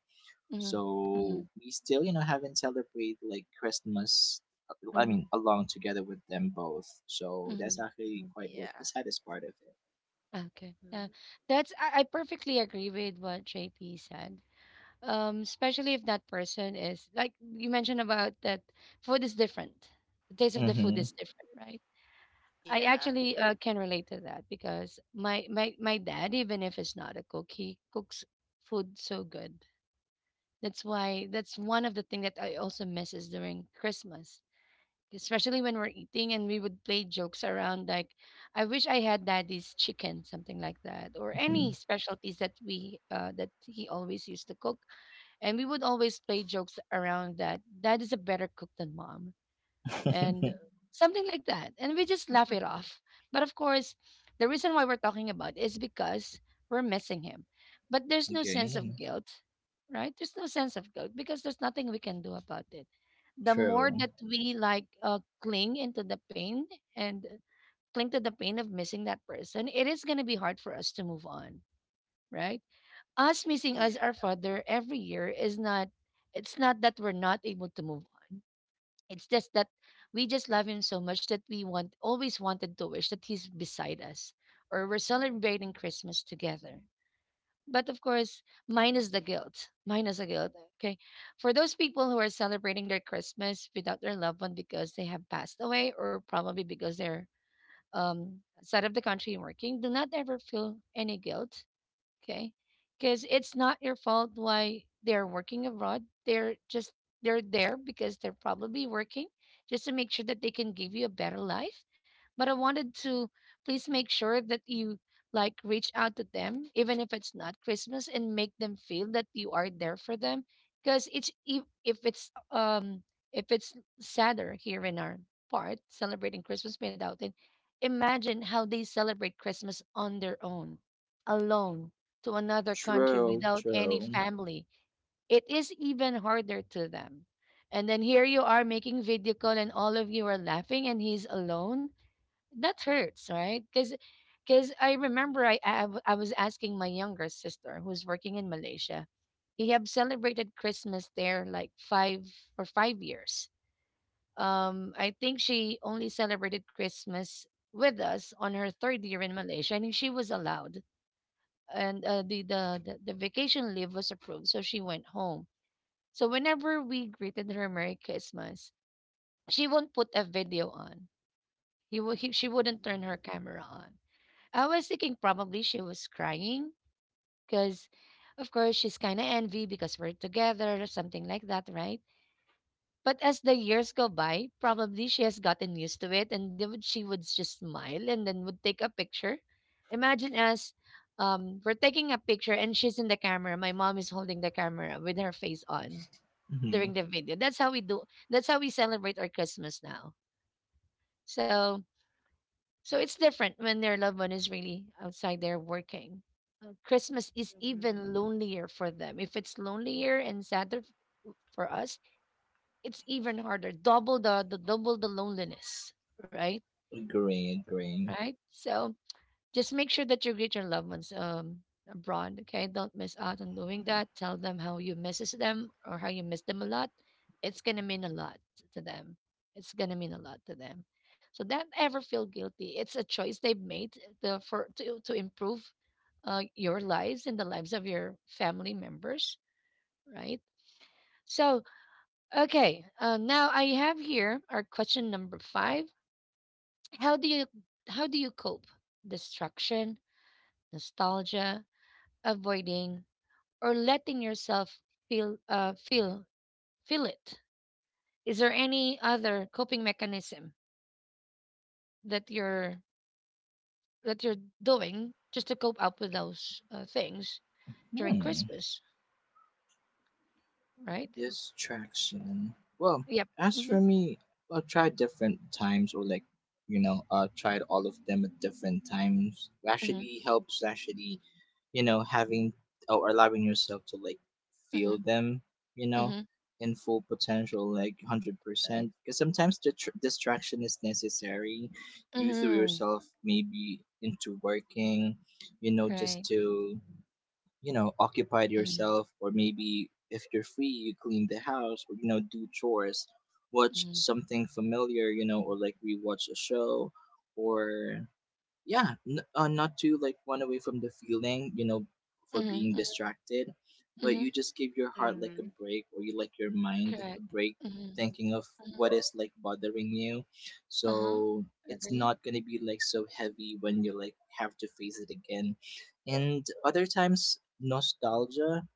Mm-hmm. Mm-hmm.
So we still, you know, haven't celebrated like Christmas, I mean,
Mm-hmm.
along together with them both. So
Mm-hmm,
that's actually
mm-hmm.
quite like the
Yeah.
saddest part of
Ah, okay. Uh,
Mm.
that's I, I perfectly agree with what JP said. Especially if that person is like you mentioned about that food is different. The taste
it.
of the food
Mm-hmm,
is different, right? I
Yeah.
actually can relate to that because my dad, even if it's not a cook, he cooks food so good. That's why that's one of the things that I also misses during Christmas, especially when we're eating and we would play jokes around like, "I wish I had daddy's chicken," something like that, or any specialties that he always used to cook, and we would always play jokes around that. Dad is a better cook than mom
mm-hmm.
and something like that. And we just laugh it off. But of course, the reason why we're talking about is because we're missing him. But there's no sense of
Okay.
guilt, right? There's no sense of guilt because there's nothing we can do about it. The more
True.
that we like cling into the pain and cling to the pain of missing that person, it is going to be hard for us to move on, right? Us missing us, our
Yeah.
father, every year is not, it's not that we're not able to move on, it's just that we just love him so much that we want always wanted to wish that he's beside us or we're celebrating Christmas together. But of course, minus the guilt, minus the guilt. Okay. For those people who are celebrating their Christmas without their loved one because they have passed away or probably because they're outside of the country working, do not ever feel any guilt, okay? Because it's not your fault why they're working abroad. They're there because they're probably working just to make sure that they can give you a better life. But I wanted to please make sure that you like reach out to them even if it's not Christmas and make them feel that you are there for them because it's if it's if it's sadder here in our part celebrating Christmas without it, imagine how they celebrate Christmas on their own, alone, to another country
True.
without any
True.
family. It is even harder to them. And then here you are making video call and all of you are laughing and he's alone. That hurts, right? Cuz I remember I was asking my younger sister who's working in Malaysia. He have celebrated Christmas there like 5 or 5 years. I think she only celebrated Christmas with us on her third year in Malaysia, and she was allowed, and the vacation leave was approved, so she went home. So whenever we greeted her Merry Christmas, she won't put a video on. He, wo- he she wouldn't
Mm-hmm.
turn her camera on. I was thinking probably she was crying because, of course, she's kind of envy because we're together or something like that, right? But as the years go by, probably she has gotten used to it, and then she would just smile and then would take a picture. Imagine us, we're taking a picture and she's in the camera. My mom is holding the camera with her face on
Mm-hmm.
during the video. That's how we do. That's how we celebrate our Christmas now. So, so it's different when their loved one is really outside there working. Christmas is even
Mm-hmm.
lonelier for them. If it's lonelier and sadder for us, it's even harder. Double the double the loneliness, right?
Agree. Agree.
Right. So just make sure that you greet your loved ones abroad. Okay, don't miss out on doing that. Tell them how you misses them or how you miss them a lot. It's gonna mean a lot to them. It's gonna mean a lot to them. So don't ever feel guilty. It's a choice they've made the for to improve your lives and the lives of your family members, right? So okay, now I have here our question number five. How do you cope? Distraction, nostalgia, avoiding, or letting yourself feel uh, feel feel it. Is there any other coping mechanism that you're doing just to cope up with those things during
Hmm.
Christmas? Right. Mm,
Distraction. Well,
yep.
as
Mm-hmm.
for me, I'll try different times or like, you know, tried all of them at different times.
Mm-hmm.
Actually helps. Actually, you know, having or allowing yourself to like
Mm-hmm.
feel them, you know,
Mm-hmm.
in full potential, like
Right.
100%. Because sometimes the distraction is necessary. You threw
Mm-hmm.
yourself maybe into working, you know,
Right.
just to, you know, occupied
Mm-hmm.
yourself, or maybe if you're free you clean the house or, you know, do chores, watch
Mm-hmm.
something familiar, you know, or like rewatch a show, or yeah, not to like run away from the feeling, you know, for being
Mm-hmm.
distracted, but you
Mm-hmm.
just give your heart like a break, or you like your mind a
Correct.
break,
Mm-hmm.
thinking of
Mm-hmm.
what is like bothering you.
Uh-huh.
So it's
Agree.
not gonna be like so heavy when you like have to face it again. And other times, nostalgia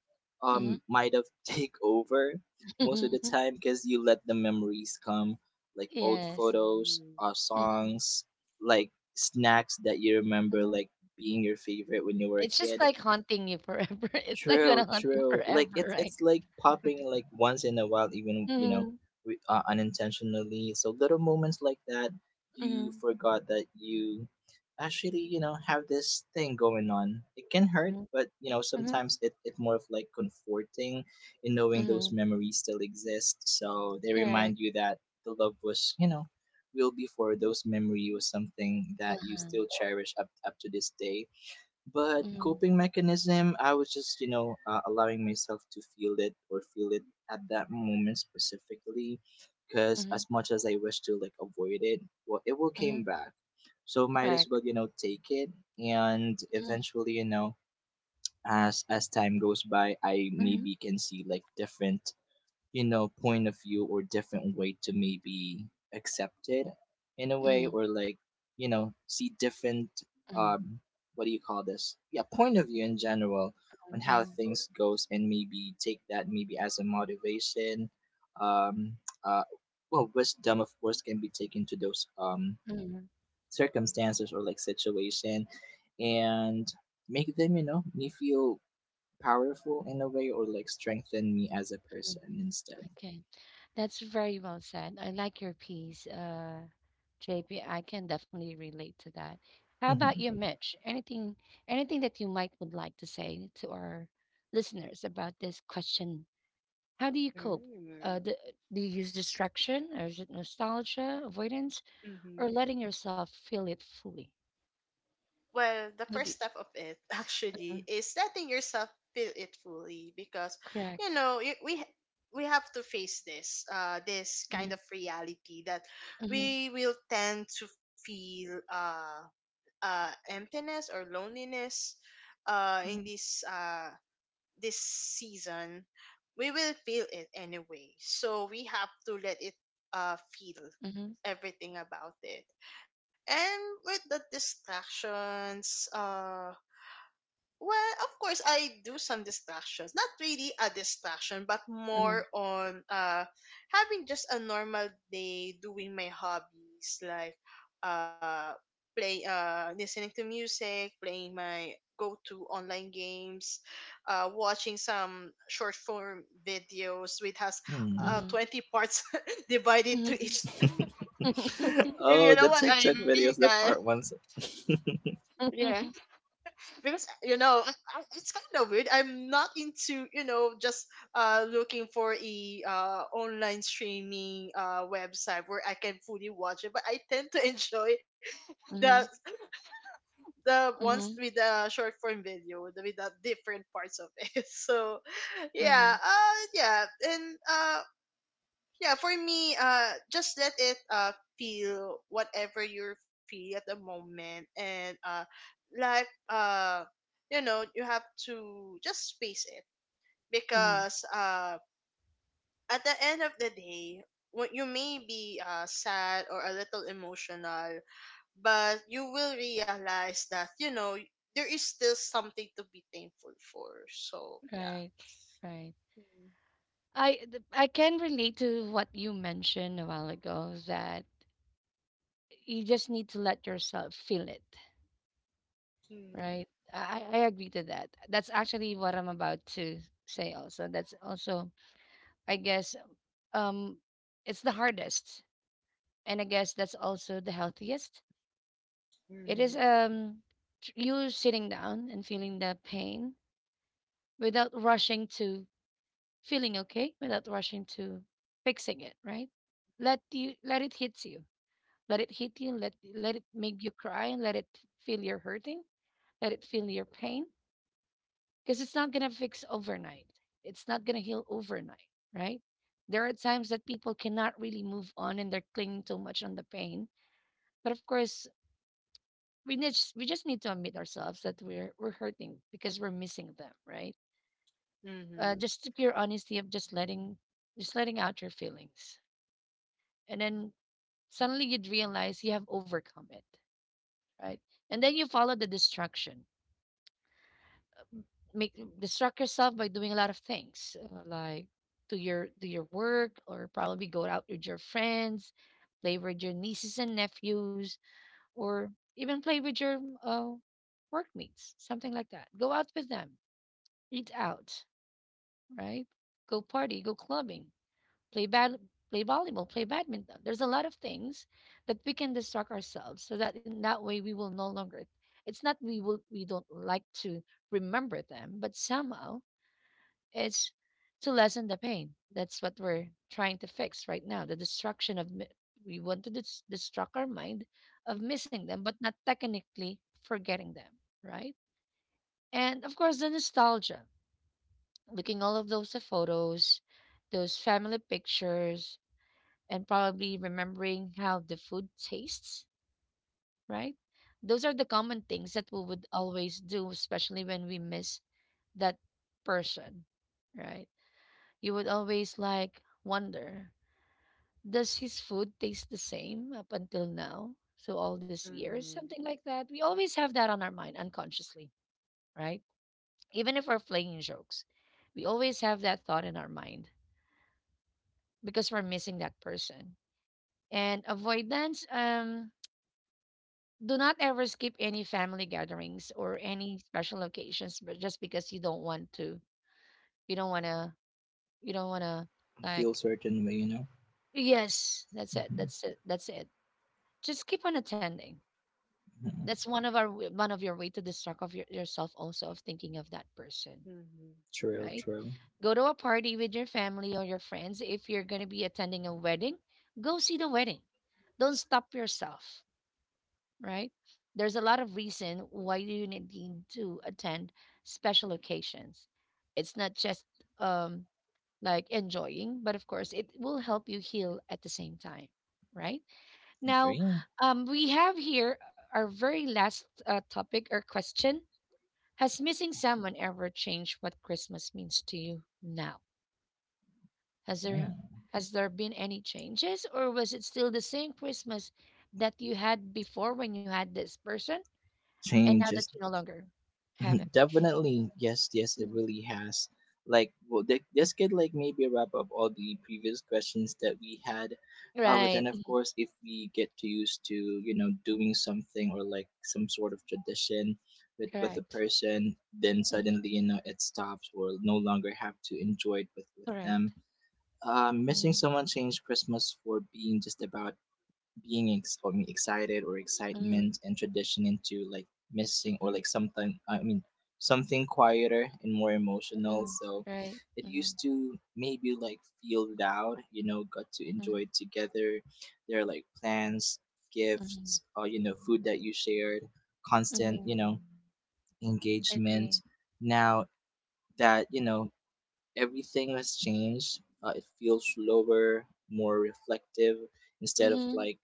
Mm-hmm.
might have take over most of the time, because you let the memories come, like old
Yes.
photos,
Mm-hmm.
songs, like snacks that you remember
Mm-hmm.
like being your favorite when you were a
It's just
kid.
like haunting you forever. It's like
True,
gonna haunt you
true. Like
forever, right?
it's like popping like once in a while, even you know,
Mm-hmm.
unintentionally. So little moments like that, you
Mm-hmm.
forgot that you actually, you know, have this thing going on. It can hurt,
Mm-hmm.
but you know
Mm-hmm.
sometimes it more of like comforting in knowing those
Mm-hmm.
memories still exist. So they
Correct.
remind you that the love was, you know, real before. Those memory was something that you
Uh-huh.
still cherish up to this day. But
Mm-hmm.
coping mechanism, I was just, you know, allowing myself to feel it or feel it at that moment specifically, because
Mm-hmm.
as much as I wish to like avoid it, well, it will
Mm-hmm.
came back. So might as
Correct.
well, you know, take it, and
Mm-hmm.
eventually, you know, as time goes by, I
Mm-hmm.
maybe can see like different, you know, point of view or different way to maybe accept it in a way,
Mm-hmm.
or like, you know, see different
Mm-hmm.
um what do you call this? Yeah, point of view in general on how
Mm-hmm.
things goes, and maybe take that maybe as a motivation. Um uh well, wisdom of course can be taken to those
Mm-hmm.
circumstances or like situation, and make them, you know, me feel powerful in a way or like strengthen me as a
Mm-hmm.
person instead.
Okay. That's very well said. I like your piece, JP. I can definitely relate to that. How about you,
Hmm.
Mitch? Anything that you might would like to say to our listeners about this question? How do you cope? Uh,
Mm-hmm.
do, do you use distraction, or is it nostalgia, avoidance,
Mm-hmm.
or letting yourself feel it fully?
Well, the
How do
first
you-
step of it
Mhm.
actually is letting yourself feel it fully, because you
Correct.
know we have to face this this
Mhm,
kind of reality that
mhm,
we will tend to feel emptiness or loneliness in
mhm,
this this season, we will feel it anyway. So we have to let it feel
mhm,
everything about it. And with the distractions, well, of course, I do some distractions. Not really a distraction, but
mhm,
more on having just a normal day doing my hobbies, like uh play listening to music, playing my go-to online games, watching some short form videos which has
Hmm.
mhm,
20 parts divided to each,
mhm,
if
Oh,
you
the
know what I
TikTok
mean,
videos, the
guys.
part ones.
Yeah.
mhm,
Because you know it's kind of weird. I'm not into, you know, just looking for a online streaming website where I can fully watch it, but I tend to enjoy the
mhm,
the ones
mhm,
with the short form video, the with the different parts of it. So
uh-huh.
yeah, yeah and yeah, for me, just let it feel whatever you're feeling at the moment and like uh you know, you have to just face it
Mhm.
because at the end of the day, what you may be sad or a little emotional, but you will realize that, you know, there is still something to be thankful for. So yeah.
Right, right.
Mm-hmm.
I can relate to what you mentioned a while ago that you just need to let yourself feel it, right? I agree to that. That's actually what I'm about to say also. That's also, I guess, um it's the hardest, and I guess that's also the healthiest. It is
Mm-hmm.
you sitting down and feeling the pain without rushing to feeling okay, without rushing to fixing it, right? Let it hit you. Let it hit you. Let it make you cry. And let it feel your hurting. Let it feel your pain. Because it's not gonna fix overnight. It's not gonna heal overnight, right? There are times that people cannot really move on and they're clinging too much on the pain. But of course, we just need to admit ourselves that we're hurting because we're missing them, right? Uh,
Mm-hmm.
just the pure honesty of just letting out your feelings, and then suddenly you'd realize you have overcome it, right? And then you follow the distraction. Make distract yourself by doing a lot of things, like do your work, or probably go out with your friends, play with your nieces and nephews, or even play with your uh, workmates, something like that. Go out with them, eat out, right? Go party, go clubbing, play bad play volleyball, play badminton. There's a lot of things that we can distract ourselves so that in that way we will no longer, it's not, we don't like to remember them, but somehow it's to lessen the pain. That's what we're trying to fix right now. The destruction of mi- we want to distract our mind of missing them, but not technically forgetting them, right? And of course, the nostalgia. Looking all of those photos, those family pictures, and probably remembering how the food tastes, right? Those are the common things that we would always do, especially when we miss that person, right? You would always like wonder, does his food taste the same up until now? So all these years,
Mm-hmm.
something like that. We always have that on our mind unconsciously, right? Even if we're playing jokes, we always have that thought in our mind because we're missing that person. And avoidance, do not ever skip any family gatherings or any special occasions, but just because you don't want to you don't want to
Feel
like
certain way, you know.
yes, that's it,
Mhm,
that's it, that's it. Just keep on attending.
mhm.
That's one of one of your way to distract of yourself also of thinking of that person,
True,
right?
true.
Go to a party with your family or your friends. If you're going to be attending a wedding, go see the wedding. Don't stop yourself, right? There's a lot of reason why you need to attend special occasions. It's not just um, like enjoying, but of course, it will help you heal at the same time, right? Now,
Agree.
we have here our very last topic or question. Has missing someone ever changed what Christmas means to you now? Has there
Mm.
has there been any changes, or was it still the same Christmas that you had before when you had this person? And now
Change
that
is
you no longer have him.
definitely, yes, yes, it
Mhm.
really has. Like, well, this could like maybe wrap up all the previous questions that we had. But
Right.
then, of
Mhm.
course, if we get to used to, you know, doing something or like some sort of tradition with a
Correct.
person, then
Hmm.
suddenly, you know, it stops or no longer have to enjoy it with
Correct.
them. Missing
Hmm.
someone changed Christmas for being just about being I mean, excited or
Hmm.
excitement and tradition into like missing or
Hmm.
like something, I mean, something quieter and more emotional.
Hmm.
So
Right.
it
Hmm.
used to maybe like feel loud, you know, got to enjoy
Hmm.
it together. There are like plans,
Hmm.
gifts, or you know, food that you shared, constant,
Hmm.
you know,
Agree.
engagement. Now that you know everything has changed, it feels slower, more reflective, instead of
Hmm.
like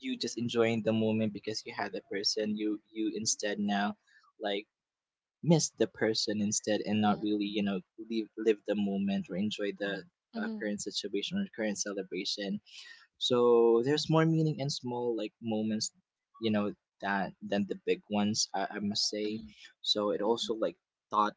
you just enjoying the moment because you had the person. You you instead now like miss the person instead, and not
Hmm.
really, you
Hmm.
know, live live the moment or enjoy the
Hmm.
current situation or current celebration. So there's more meaning in small like moments, you know, that than the big ones, I must say.
Hmm.
So it also like taught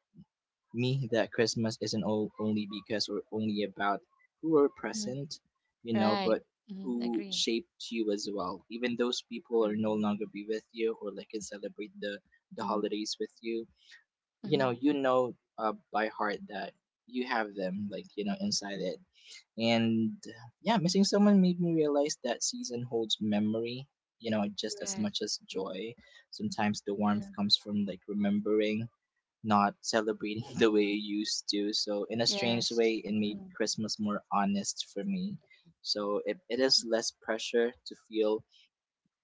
me that Christmas isn't all, only because or only about who were
Hmm.
present, you know,
Right.
but
Hmm.
who
Agree.
shaped you as well. Even those people are no
Mm-hmm.
longer be with you or like can celebrate the
Hmm.
holidays with you. You know,
Hmm.
you know, by heart that you have them, like you know, inside it. And yeah, missing someone made me realize that season holds memory, you know, just as
Correct.
much as joy. Sometimes the warmth
Mm-hmm.
comes from like remembering, not celebrating the way
Mm-hmm.
you used to. So in a strange
Yes.
way, it made
Hmm.
Christmas more honest for me. So it is less pressure to feel,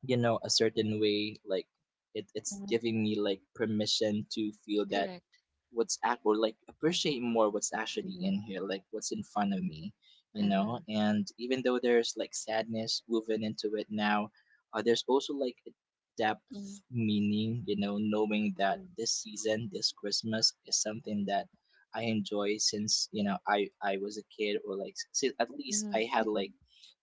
you know, a certain way. Like it's
Hmm.
giving me like permission to feel that
Correct.
what's act or like appreciate more what's actually
Mm-hmm.
in here, like what's in front of me, you know.
Uh-huh.
And even though there's like sadness woven into it now, there's also like a
Mm-hmm.
depth meaning, you know, knowing that this season, this Christmas, is something that I enjoy since you know I was a kid, or like at least I had
Mm-hmm.
like,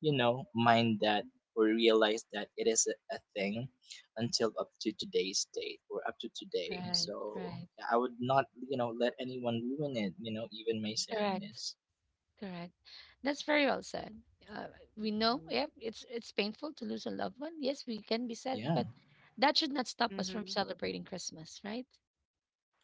you know, mind that or realized that it is a thing until up to today's date or up to today.
Right.
So
Right.
yeah, I would not, you know, let anyone ruin it, you know, even my
Correct.
sadness.
Correct. That's very well said. Uh, we know,
Hmm.
yeah, it's painful to lose a loved one. Yes, we can be sad,
Yeah,
but that should not stop us
Hmm.
from celebrating Christmas, right?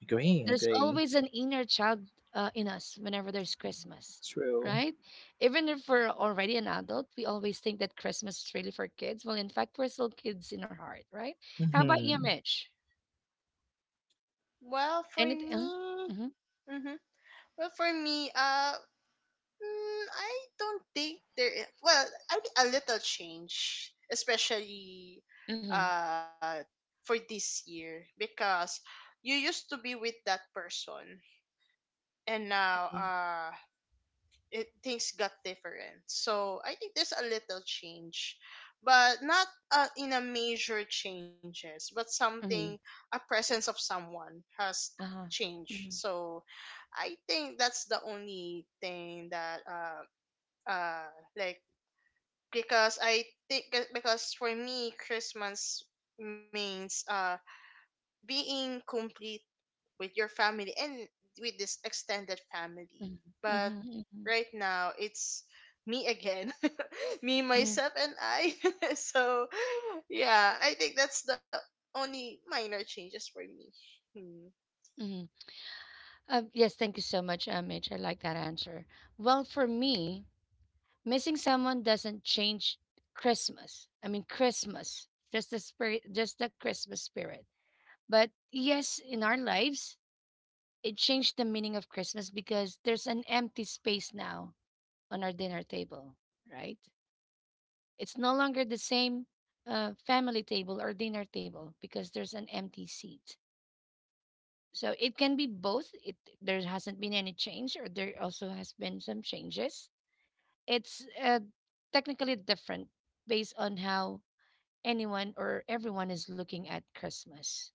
agree,
There's
agree.
always an inner child in us whenever there's Christmas,
True.
right? Even if we're already an adult, we always think that Christmas is really for kids. Well, in fact, we're still kids in our heart, right? How about you,
Mm-hmm.
Mitch?
Well, for
Anything?
me,
Mm-hmm.
hmm well, for me, I don't think there. Well, I mean, a little change, especially,
Mm-hmm.
uh, for this year because you used to be with that person and now,
Mm-hmm.
it things got different. So I think there's a little change, but not in a major changes, but something,
Mm-hmm.
a presence of someone has
Uh-huh.
changed.
Mm-hmm.
So I think that's the only thing that uh like because I think, because for me, Christmas means being complete with your family and with this extended family.
Mm-hmm.
But
Mm-hmm. Mm-hmm.
right now, it's me again, me,
Mm-hmm.
myself, and I. So, yeah, I think that's the only minor changes for me. Hmm.
Mm-hmm. Yes, thank you so much, Mitch. I like that answer. Well, for me, missing someone doesn't change Christmas. I mean, Christmas, just the spirit, just the Christmas spirit. But yes, in our lives, it changed the meaning of Christmas because there's an empty space now on our dinner table, right? It's no longer the same family table or dinner table because there's an empty seat. So it can be both. It There hasn't been any change, or there also has been some changes. It's technically different based on how anyone or everyone is looking at Christmas.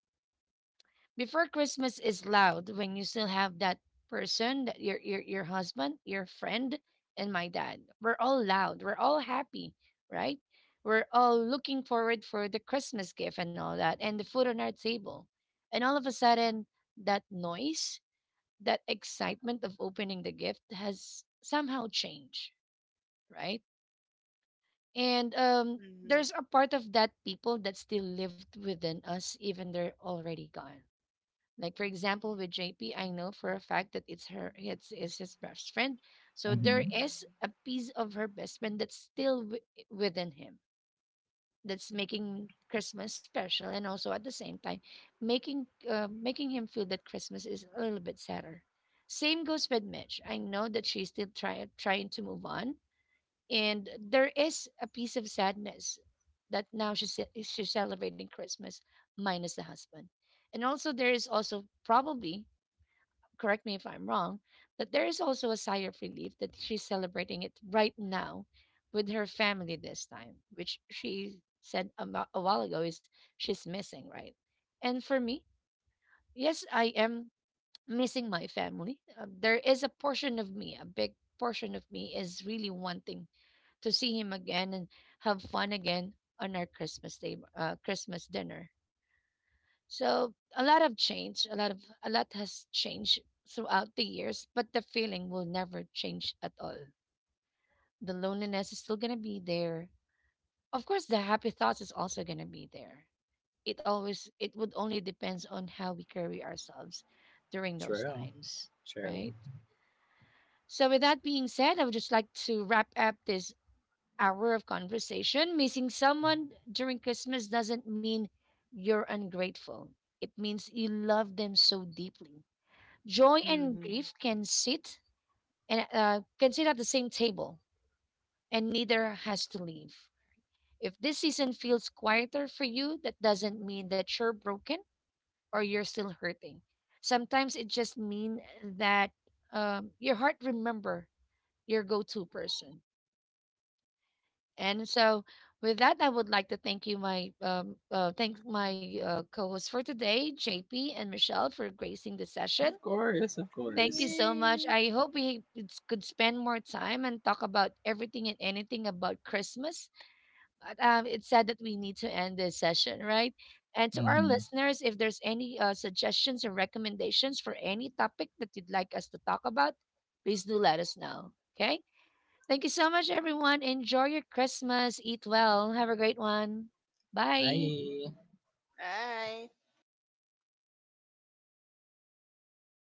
Before, Christmas is loud when you still have that person, that your husband, your friend, and my dad. We're all loud. We're all happy, right? We're all looking forward for the Christmas gift and all that, and the food on our table. And all of a sudden, that noise, that excitement of opening the gift has somehow changed, right? And there's
Mhm.
a part of that people that still lived within us, even they're already gone. Like for example, with JP, I know for a fact that it's her, it's his best friend. So there
Mm-hmm.
is a piece of her best friend that's still within him, that's making Christmas special, and also at the same time making making him feel that Christmas is a little bit sadder. Same goes with Mitch. I know that she's still trying to move on, and there is a piece of sadness that now she's she's celebrating Christmas minus the husband, and also there is also probably, correct me if I'm wrong, that there is also a sigh of relief that she's celebrating it right now with her family this time, which she said a while ago is she's missing, right? And for me, yes, I am missing my family. There is a portion of me, a big portion of me is really wanting to see him again and have fun again on our Christmas day, Christmas dinner. So a lot of change, a lot of, a lot has changed throughout the years, but the feeling will never change at all. The loneliness is still gonna be there. Of course, the happy thoughts is also gonna be there. It would only depends on how we carry ourselves during those
True.
times,
True.
right? So with that being said, I would just like to wrap up this hour of conversation. Missing someone during Christmas doesn't mean you're ungrateful. It means you love them so deeply. Joy and
Mhm.
grief can sit, and can sit at the same table, and neither has to leave. If this season feels quieter for you, that doesn't mean that you're broken or you're still hurting. Sometimes it just means that, your heart remember your go-to person. And so, with that, I would like to thank you, my thank my co-hosts for today, JP and Michelle, for gracing the
Of
session.
course, of
Thank
course.
you so much.
Yay.
I hope could spend more time and talk about everything and anything about Christmas. But it's sad that we need to end this session, right? And to our
Mm-hmm.
listeners, if there's any suggestions or recommendations for any topic that you'd like us to talk about, please do let us know. Okay? Thank you so much, everyone. Enjoy your Christmas. Eat well. Have a great one. Bye.
Bye.
Bye.